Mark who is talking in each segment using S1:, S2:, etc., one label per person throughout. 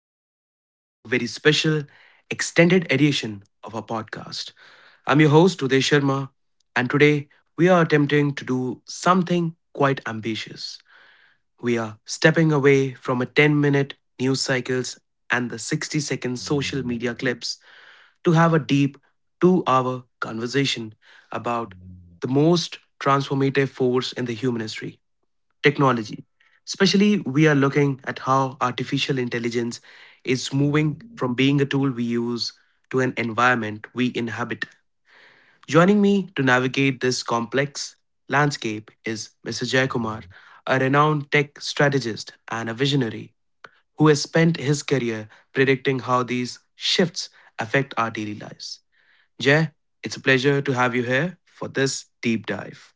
S1: Welcome back to a very special extended edition of our podcast. I'm your host, Uday Sharma, and today we are attempting to do something quite ambitious. We are stepping away from a 10-minute news cycles and the 60-second social media clips to have a deep 2 hour conversation about the most transformative force in the human history technology. Especially, we are looking at how artificial intelligence is moving from being a tool we use to an environment we inhabit. Joining me to navigate this complex landscape is Mr. Jayakumar, a renowned tech strategist and a visionary who has spent his career predicting how these shifts affect our daily lives. Jay, it's a pleasure to have you here for this deep dive.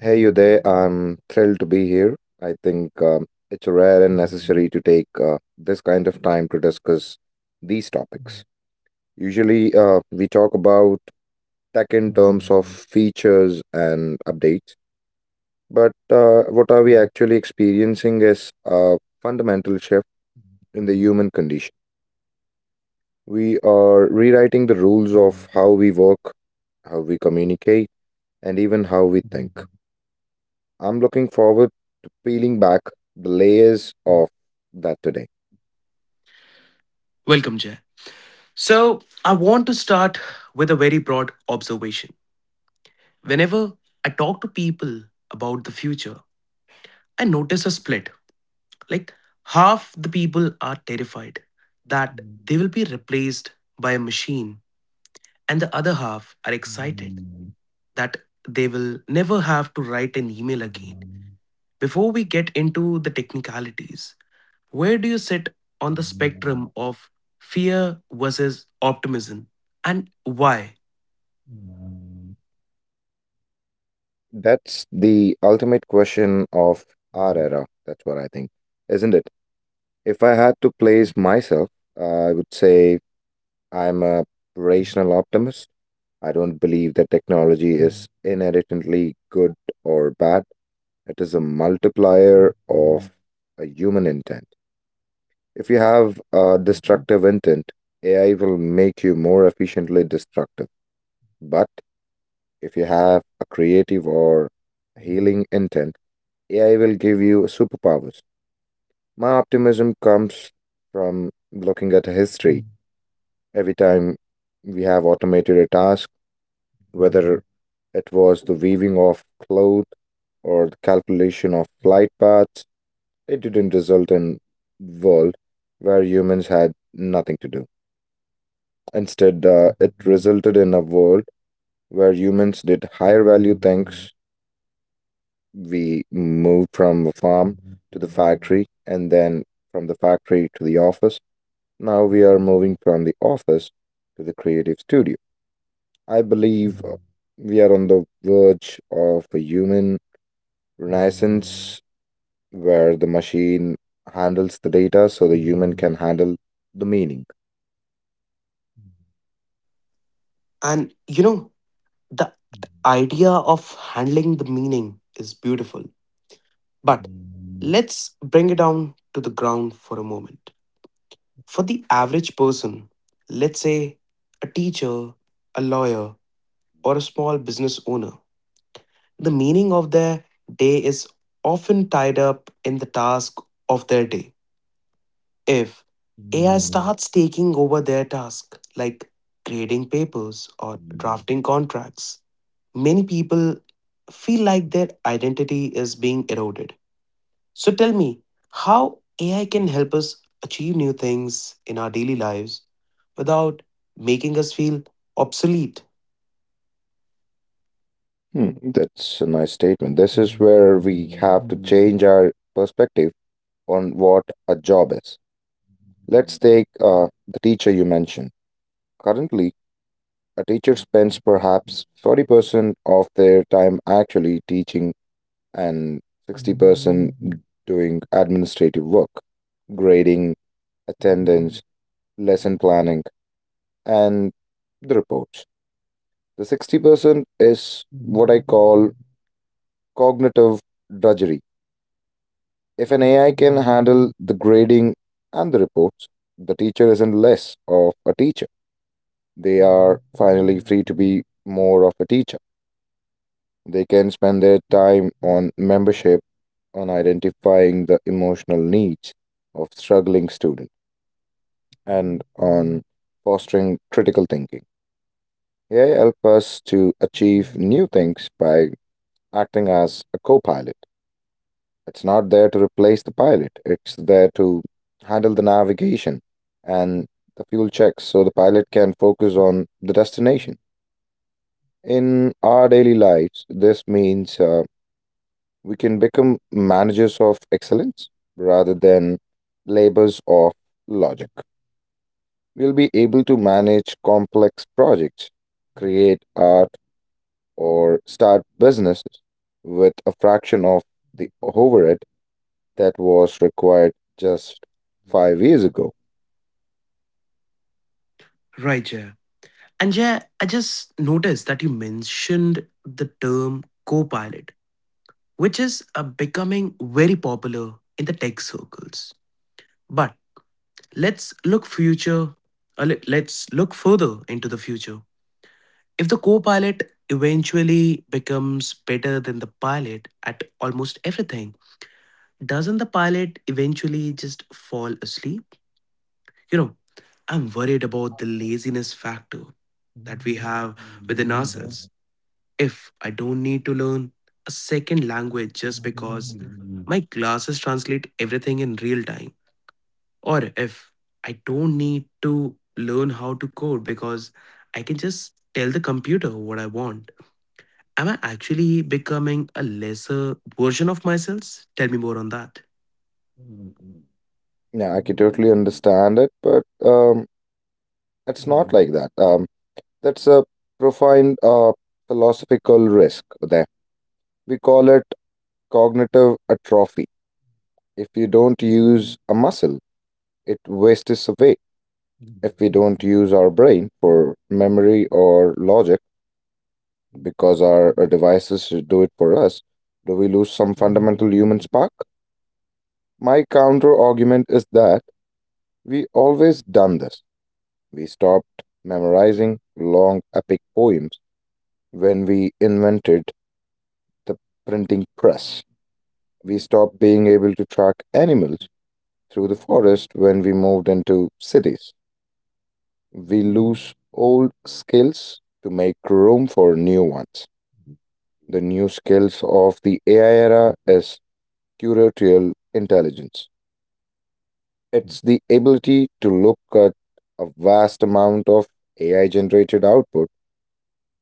S2: Hey you there, I'm thrilled to be here. I think it's rare and necessary to take this kind of time to discuss these topics. Usually, we talk about tech in terms of features and updates, but what are we actually experiencing is a fundamental shift in the human condition. We are rewriting the rules of how we work, how we communicate, and even how we think. I'm looking forward to peeling back the layers of that today.
S1: Welcome, Jay. So, I want to start with a very broad observation. Whenever I talk to people about the future, I notice a split. Like, half the people are terrified that they will be replaced by a machine, and the other half are excited that they will never have to write an email again. Before we get into the technicalities, where do you sit on the spectrum of fear versus optimism, and why?
S2: That's the ultimate question of our era. That's what I think, isn't it? If I had to place myself, I would say I'm a rational optimist. I don't believe that technology is inherently good or bad. It is a multiplier of a human intent. If you have a destructive intent, AI will make you more efficiently destructive. But if you have a creative or healing intent, AI will give you superpowers. My optimism comes from looking at history. Every time we have automated a task, whether it was the weaving of cloth or the calculation of flight paths, it didn't result in world where humans had nothing to do. Instead, it resulted in a world where humans did higher value things. We moved from the farm to the factory and then from the factory to the office. Now we are moving from the office to the creative studio. I believe we are on the verge of a human Renaissance, where the machine handles the data so the human can handle the meaning.
S1: And you know, the idea of handling the meaning is beautiful, but let's bring it down to the ground for a moment. For the average person, let's say a teacher, a lawyer, or a small business owner, the meaning of their day is often tied up in the task of their day. If AI starts taking over their task, like grading papers or drafting contracts, many people feel like their identity is being eroded. So tell me, how AI can help us achieve new things in our daily lives without making us feel obsolete?
S2: Hmm, that's a nice statement. This is where we have to change our perspective on what a job is. Let's take the teacher you mentioned. Currently, a teacher spends perhaps 30% of their time actually teaching and 60% doing administrative work, grading, attendance, lesson planning. And the reports. The 60% is what I call cognitive drudgery. If an AI can handle the grading and the reports, the teacher isn't less of a teacher. They are finally free to be more of a teacher. They can spend their time on membership, on identifying the emotional needs of struggling students, and on fostering critical thinking. AI help us to achieve new things by acting as a co pilot. It's not there to replace the pilot, it's there to handle the navigation and the fuel checks so the pilot can focus on the destination. In our daily lives, this means we can become managers of excellence rather than labors of logic. We'll be able to manage complex projects, create art, or start businesses with a fraction of the overhead that was required just 5 years ago.
S1: Right, Jay. And Jay, I just noticed that you mentioned the term co-pilot, which is becoming very popular in the tech circles. But let's look future. let's look further into the future. If the co-pilot eventually becomes better than the pilot at almost everything, doesn't the pilot eventually just fall asleep? You know, I'm worried about the laziness factor that we have within ourselves. If I don't need to learn a second language just because my classes translate everything in real time, or if I don't need to learn how to code because I can just tell the computer what I want, am I actually becoming a lesser version of myself? Tell me more on that.
S2: Yeah, I can totally understand it, but it's not like that. That's a profound philosophical risk there. We call it cognitive atrophy. If you don't use a muscle, it wastes away. If we don't use our brain for memory or logic, because our devices do it for us, do we lose some fundamental human spark? My counter argument is that we always done this. We stopped memorizing long epic poems when we invented the printing press. We stopped being able to track animals through the forest when we moved into cities. We lose old skills to make room for new ones. The new skills of the AI era is curatorial intelligence. It's the ability to look at a vast amount of AI generated output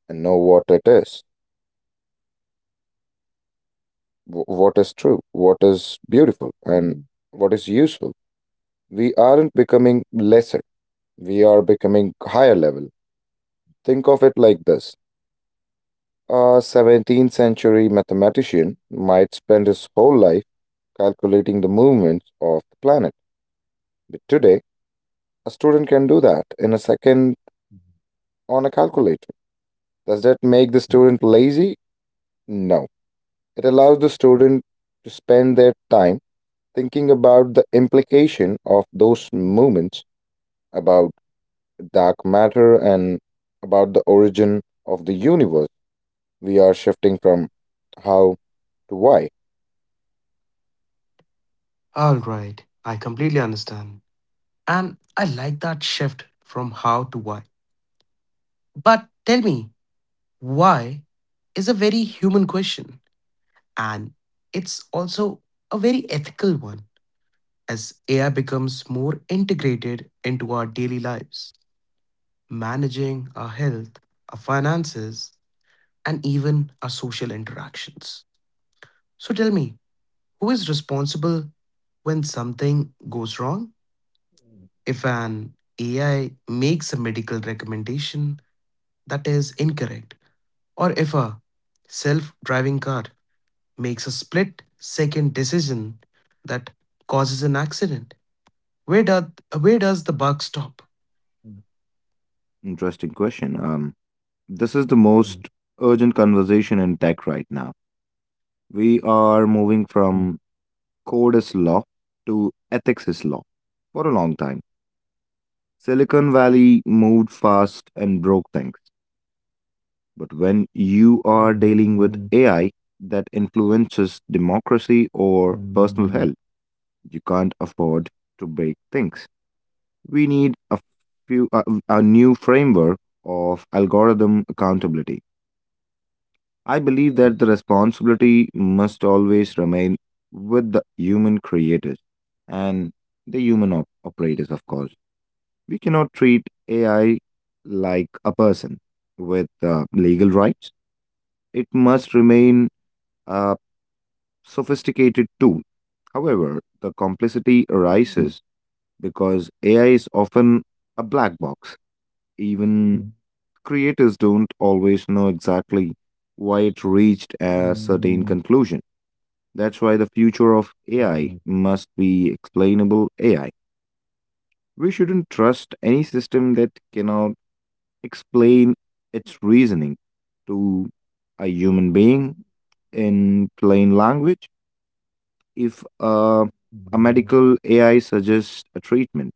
S2: and know what it is, what is true, what is beautiful, and what is useful. We aren't becoming lesser, we are becoming higher level. Think of it like this, a 17th century mathematician might spend his whole life calculating the movements of the planet. But today, a student can do that in a second on a calculator. Does that make the student lazy? No, it allows the student to spend their time thinking about the implication of those movements, about dark matter, and about the origin of the universe. We are shifting from how to why.
S1: All right, I completely understand. And I like that shift from how to why. But tell me, why is a very human question and it's also a very ethical one as AI becomes more integrated into our daily lives, managing our health, our finances, and even our social interactions. So tell me, who is responsible when something goes wrong? If an AI makes a medical recommendation that is incorrect, or if a self driving car makes a split second decision that causes an accident, where, do, where does the buck stop?
S2: Interesting question. This is the most urgent conversation in tech right now. We are moving from code is law to ethics is law for a long time. Silicon Valley moved fast and broke things. But when you are dealing with AI that influences democracy or personal health, you can't afford to break things. We need a new framework of algorithm accountability. I believe that the responsibility must always remain with the human creators and the human operators, of course. We cannot treat AI like a person with legal rights. It must remain a sophisticated tool. However, the complexity arises because AI is often a black box. Even creators don't always know exactly why it reached a certain conclusion. That's why the future of AI must be explainable AI. We shouldn't trust any system that cannot explain its reasoning to a human being in plain language. If a medical AI suggests a treatment,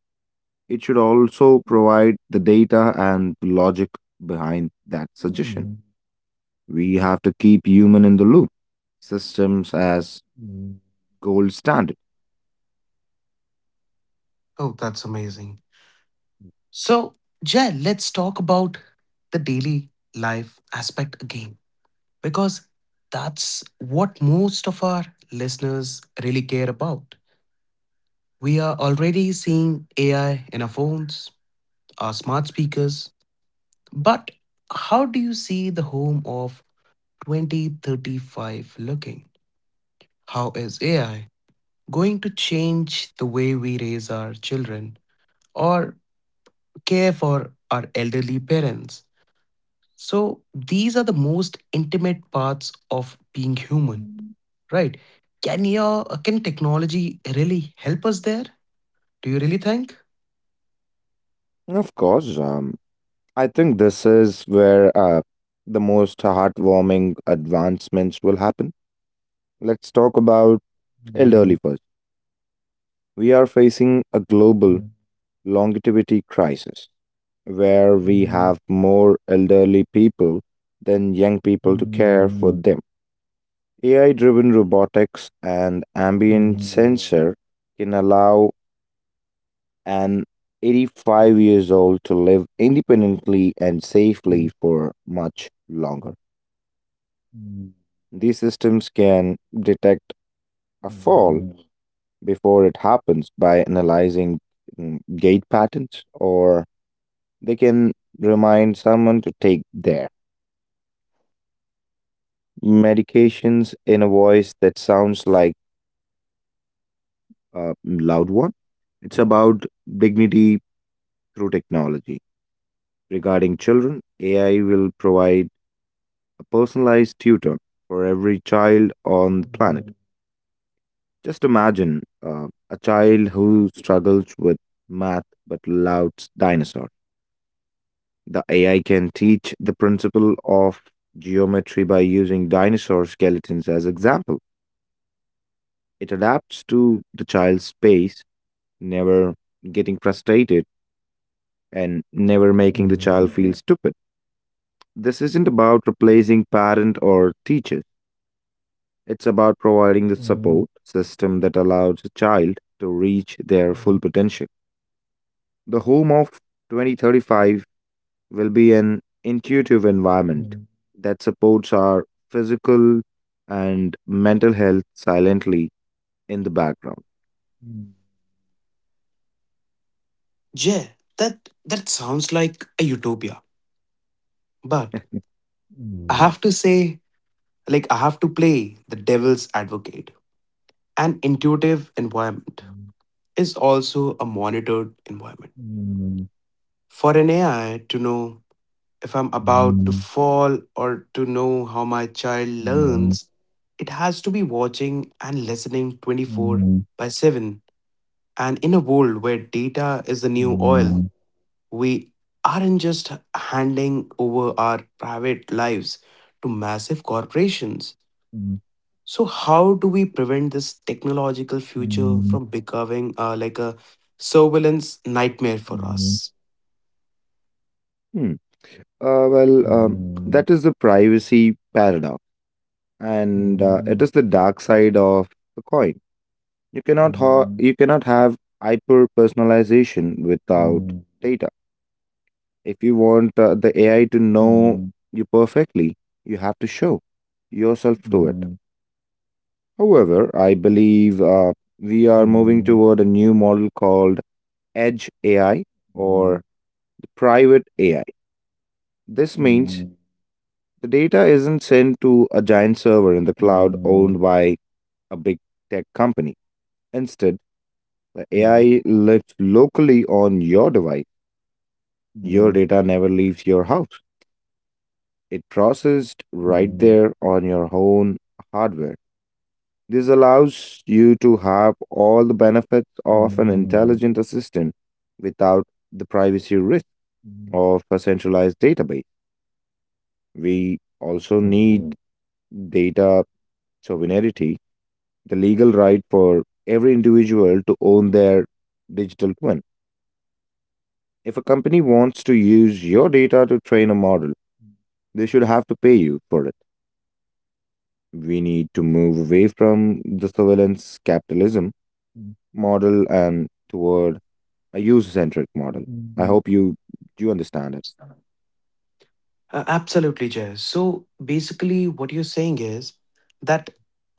S2: it should also provide the data and the logic behind that suggestion. We have to keep human in the loop. Systems as gold standard.
S1: Oh, that's amazing. So, Jay, let's talk about the daily life aspect again, because that's what most of our listeners really care about. We are already seeing AI in our phones, our smart speakers. But how do you see the home of 2035 looking? How is AI going to change the way we raise our children or care for our elderly parents? So, these are the most intimate parts of being human, right? Can technology really help us there? Do you really think?
S2: Of course, I think this is where the most heartwarming advancements will happen. Let's talk about elderly first. We are facing a global longevity crisis where we have more elderly people than young people to care for them. AI driven robotics and ambient sensor can allow an 85 years old to live independently and safely for much longer. These systems can detect a fall before it happens by analyzing gait patterns, or they can remind someone to take their medications in a voice that sounds like a loud one. It's about dignity through technology. Regarding children, AI will provide a personalized tutor for every child on the planet. Just imagine a child who struggles with math but loves dinosaurs. The AI can teach the principle of geometry by using dinosaur skeletons as example. It adapts to the child's pace, never getting frustrated and never making the child feel stupid. This isn't about replacing parent or teachers. It's about providing the support system that allows a child to reach their full potential. The home of 2035 will be an intuitive environment that supports our physical and mental health silently in the background.
S1: Yeah, that that sounds like a utopia. But I have to say, like I have to play the devil's advocate. An intuitive environment is also a monitored environment. For an AI to know if I'm about to fall or to know how my child learns, it has to be watching and listening 24 by 7. And in a world where data is the new oil, we aren't just handing over our private lives to massive corporations. So, how do we prevent this technological future from becoming like a surveillance nightmare for us?
S2: Hmm. Well, that is the privacy paradox, and it is the dark side of the coin. You cannot have hyper personalization without data. If you want the AI to know you perfectly, you have to show yourself to it. However, I believe we are moving toward a new model called Edge AI or private AI. This means the data isn't sent to a giant server in the cloud owned by a big tech company. Instead, the AI lives locally on your device. Your data never leaves your house. It processed right there on your own hardware. This allows you to have all the benefits of an intelligent assistant without the privacy risk of a centralized database. We also need data sovereignty, the legal right for every individual to own their digital twin. If a company wants to use your data to train a model, they should have to pay you for it. We need to move away from the surveillance capitalism model and toward a user-centric model. I hope you understand it.
S1: Uh, Absolutely, Jay. So, basically, what you're saying is that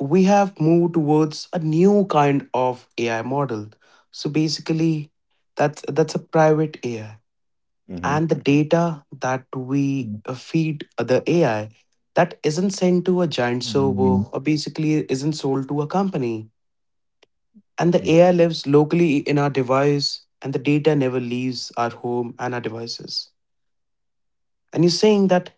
S1: we have moved towards a new kind of AI model. So, basically, that's a private AI
S2: Hmm.
S1: and the data that we feed the AI that isn't sent to a giant server or basically isn't sold to a company. And the AI lives locally in our device, and the data never leaves our home and our devices. And you're saying that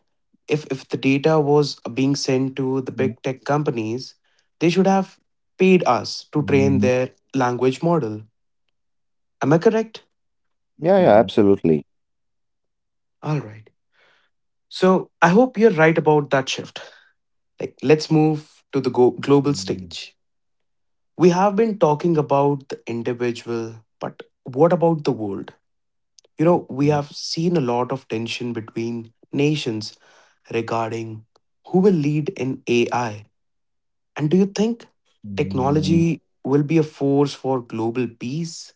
S1: if the data was being sent to the big tech companies, they should have paid us to train their language model. Am I correct?
S2: Yeah, yeah, absolutely.
S1: All right. So I hope you're right about that shift. Like, let's move to the global stage. We have been talking about the individual, but what about the world? You know, we have seen a lot of tension between nations regarding who will lead in AI. And do you think technology will be a force for global peace,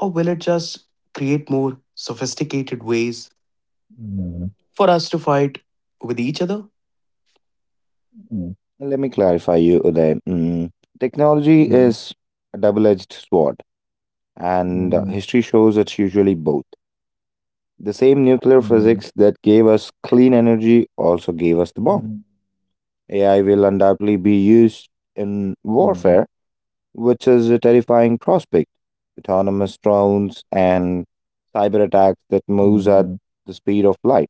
S1: or will it just create more sophisticated ways for us to fight with each other?
S2: Let me clarify you, Uday. Mm. Technology is a double-edged sword, and history shows it's usually both. The same nuclear physics that gave us clean energy also gave us the bomb. AI will undoubtedly be used in warfare, which is a terrifying prospect. Autonomous drones and cyber attacks that moves at the speed of light.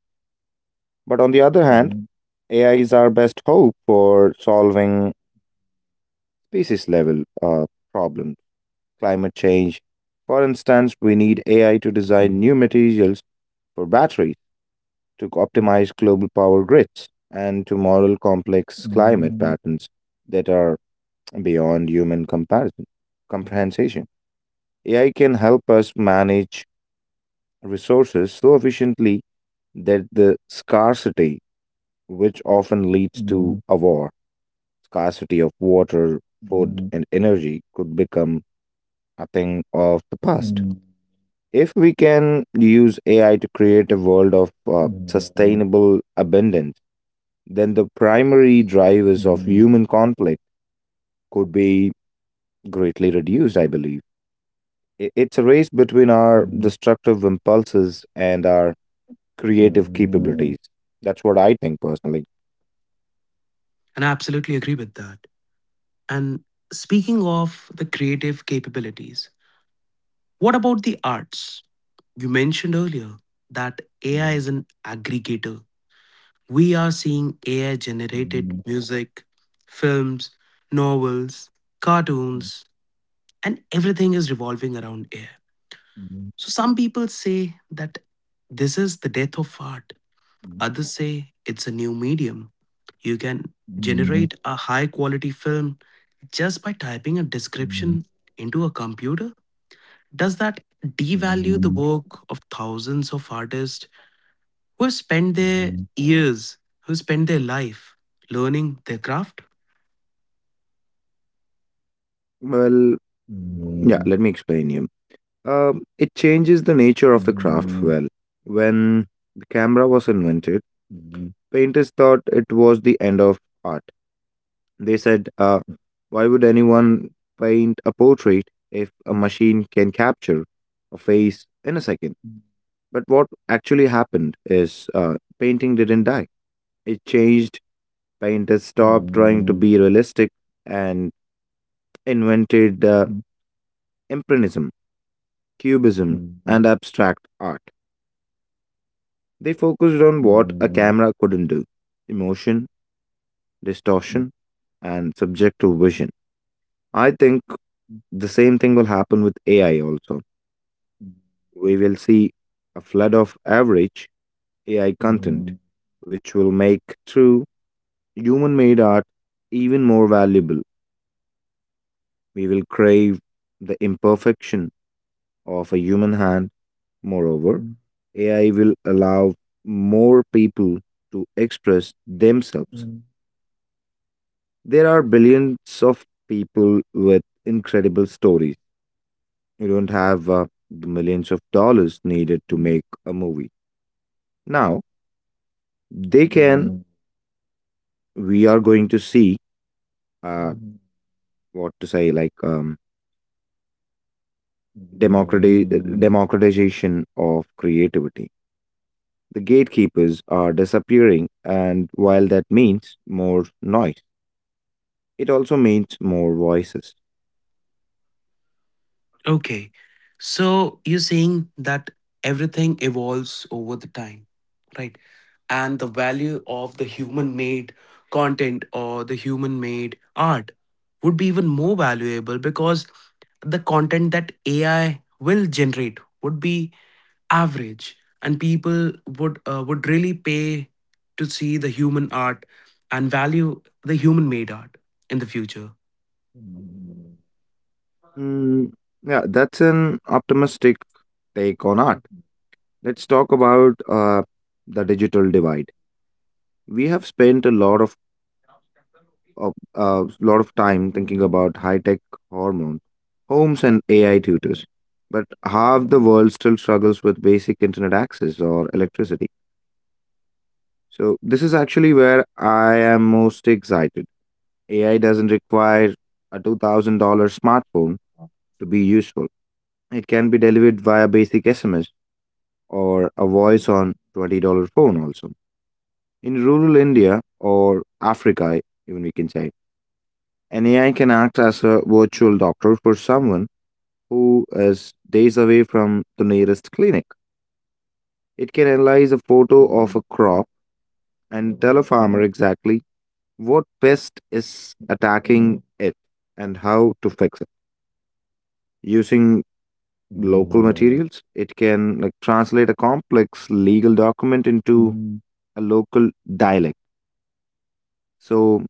S2: But on the other hand, AI is our best hope for solving species level problems, climate change. For instance, we need AI to design new materials for batteries to optimize global power grids and to model complex climate patterns that are beyond human comparison comprehension. AI can help us manage resources so efficiently that the scarcity, which often leads to a war, scarcity of water, food, and energy could become a thing of the past. If we can use AI to create a world of sustainable abundance, then the primary drivers of human conflict could be greatly reduced, I believe. It's a race between our destructive impulses and our creative capabilities. That's what I think personally.
S1: And I absolutely agree with that. And speaking of the creative capabilities, what about the arts? You mentioned earlier that AI is an aggregator. We are seeing AI generated music, films, novels, cartoons, and everything is revolving around AI. So some people say that this is the death of art, others say it's a new medium. You can generate a high quality film just by typing a description into a computer. Does that devalue the work of thousands of artists who have spent their years, who spent their life learning their craft?
S2: Well, yeah, let me explain you. It changes the nature of the craft well. When the camera was invented, painters thought it was the end of art. They said, why would anyone paint a portrait if a machine can capture a face in a second? But what actually happened is painting didn't die. It changed. Painters stopped trying to be realistic and invented impressionism, cubism, and abstract art. They focused on what a camera couldn't do: emotion, distortion, and subjective vision. I think the same thing will happen with AI also. We will see a flood of average AI content, which will make true human made art even more valuable. We will crave the imperfection of a human hand. Moreover, AI will allow more people to express themselves. There are billions of people with incredible stories. You don't have the millions of dollars needed to make a movie. Now, they can, we are going to see uh, what to say, like democrati- democratization of creativity. The gatekeepers are disappearing, and while that means more noise, it also means more voices.
S1: Okay, so you're saying that everything evolves over the time, right? And the value of the human made content or the human made art would be even more valuable because the content that AI will generate would be average and people would really pay to see the human art and value the human made art in the future.
S2: Mm, yeah, that's an optimistic take on art. Let's talk about the digital divide. We have spent a lot of time thinking about high-tech hormones, homes, and AI tutors, but half the world still struggles with basic internet access or electricity. So this is actually where I am most excited. AI doesn't require a $2,000 smartphone to be useful. It can be delivered via basic SMS or a voice on $20 phone also. In rural India or Africa, even we can say, an AI can act as a virtual doctor for someone who is days away from the nearest clinic. It can analyze a photo of a crop and tell a farmer exactly what pest is attacking it and how to fix it. Using local materials, it can like translate a complex legal document into a local dialect, so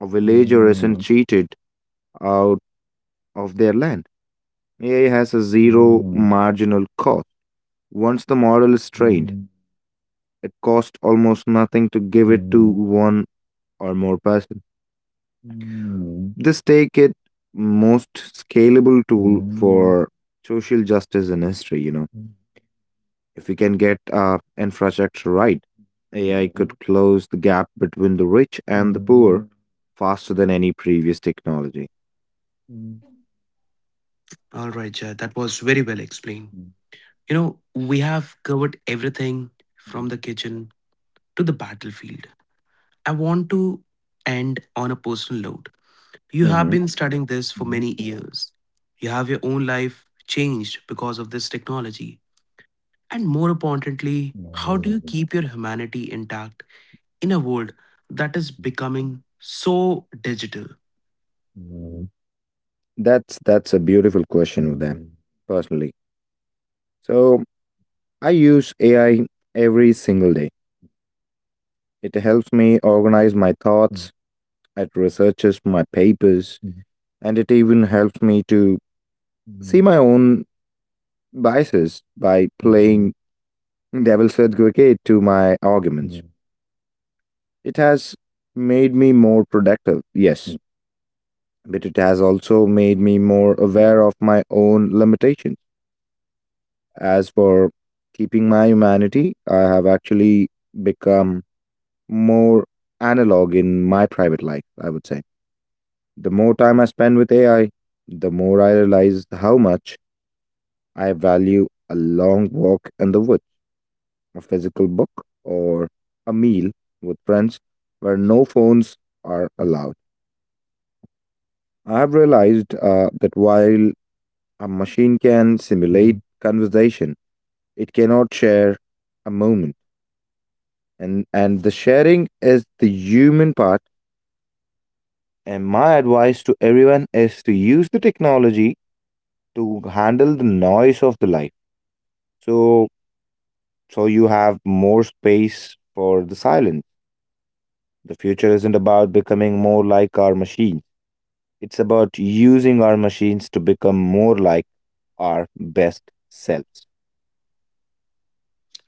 S2: a villager isn't cheated out of their land. AI has a zero marginal cost. Once the model is trained, it costs almost nothing to give it to one or more person. This take it most scalable tool for social justice in history, you know. If we can get our infrastructure right, AI could close the gap between the rich and the poor faster than any previous technology.
S1: All right, Jay, that was very well explained. You know, we have covered everything from the kitchen to the battlefield. I want to end on a personal note. You have
S2: Mhm.
S1: been studying this for many years. You have your own life changed because of this technology, and more importantly, how do you keep your humanity intact in a world that is becoming so digital?
S2: That's a beautiful question with them personally. So I use AI every single day. It helps me organize my thoughts, it researches my papers, and it even helps me to see my own biases by playing devil's advocate to my arguments. It has made me more productive, yes, but it has also made me more aware of my own limitations. As for keeping my humanity, I have actually become more analog in my private life, I would say. The more time I spend with AI, the more I realize how much I value a long walk in the woods, a physical book, or a meal with friends where no phones are allowed. I've realized that while a machine can simulate conversation, it cannot share a moment. And the sharing is the human part. And my advice to everyone is to use the technology to handle the noise of the life. So, so you have more space for the silence. The future isn't about becoming more like our machines. It's about using our machines to become more like our best selves.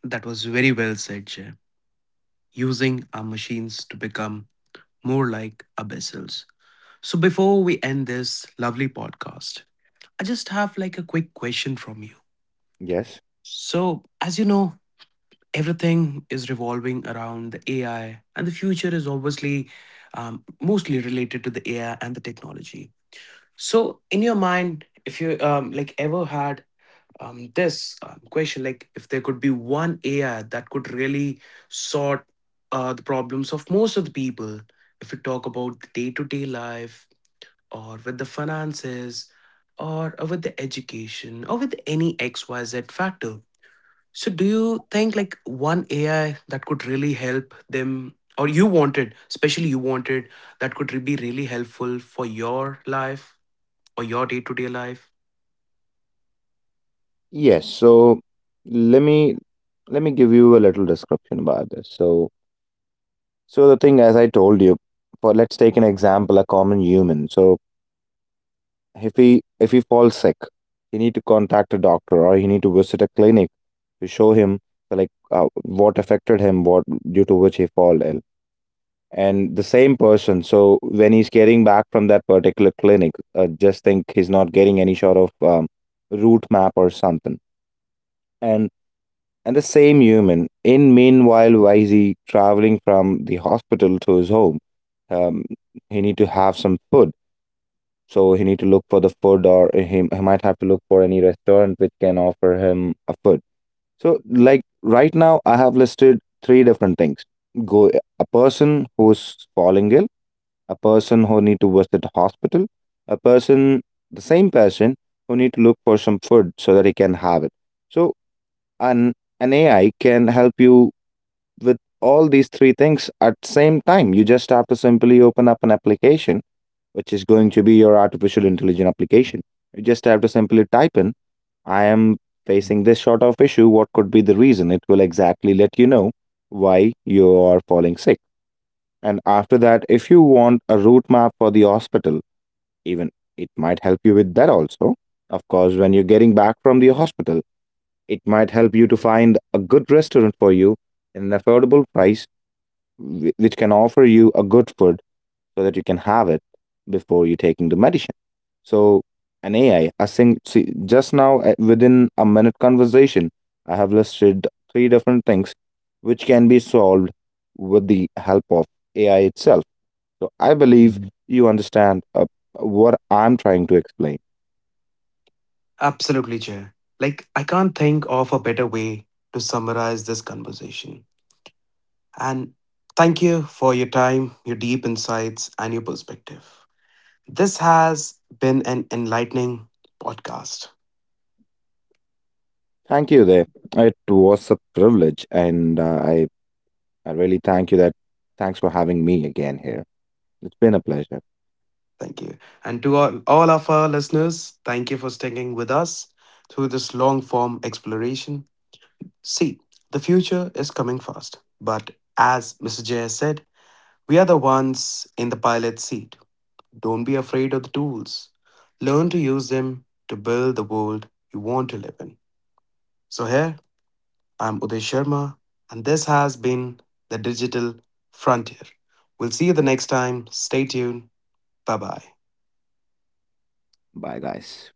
S1: That was very well said, Jay. Using our machines to become more like abyssals. So before we end this lovely podcast, I just have like a quick question from you.
S2: Yes.
S1: So as you know, everything is revolving around the AI, and the future is obviously mostly related to the AI and the technology. So in your mind, if you like ever had this question, like if there could be one AI that could really sort the problems of most of the people, if we talk about the day-to-day life or with the finances or with the education or with any xyz factor, so do you think like one AI that could really help them, or you wanted, especially you wanted, that could be really helpful for your life or your day-to-day life?
S2: Yes. So let me let me give you a little description about this. So the thing, as I told you, for let's take an example, a common human. So if he falls sick, he need to contact a doctor, or he need to visit a clinic to show him like what affected him, what due to which he fall ill. And the same person, so when he's getting back from that particular clinic, just think he's not getting any sort of route map or something. And and the same human in meanwhile, while he traveling from the hospital to his home, um, he need to have some food, so he need to look for the food, or he might have to look for any restaurant which can offer him a food. So like right now I have listed three different things. Go, a person who's falling ill, a person who need to visit hospital, a person, the same person who need to look for some food so that he can have it. So an an AI can help you with all these three things at same time. You just have to simply open up an application which is going to be your artificial intelligence application. You just have to simply type in, I am facing this sort of issue. What could be the reason? It will exactly let you know why you are falling sick. And after that, if you want a route map for the hospital, even it might help you with that also. Of course, when you're getting back from the hospital, it might help you to find a good restaurant for you in an affordable price, which can offer you a good food so that you can have it before you taking the medicine. So an AI, a sing see, just now within a minute conversation, I have listed three different things which can be solved with the help of AI itself. So I believe you understand what I'm trying to explain.
S1: Absolutely, Jay. Like, I can't think of a better way to summarize this conversation. And thank you for your time, your deep insights, and your perspective. This has been an enlightening podcast.
S2: Thank you there. It was a privilege, and uh, I really thank you that. Thanks for having me again here. It's been a pleasure.
S1: Thank you. And to all of our listeners, thank you for sticking with us through this long form exploration. See, the future is coming fast. But as Mr. Jay said, we are the ones in the pilot seat. Don't be afraid of the tools. Learn to use them to build the world you want to live in. So, here I'm Uday Sharma, and this has been the Digital Frontier. We'll see you the next time. Stay tuned. Bye bye.
S2: Bye, guys.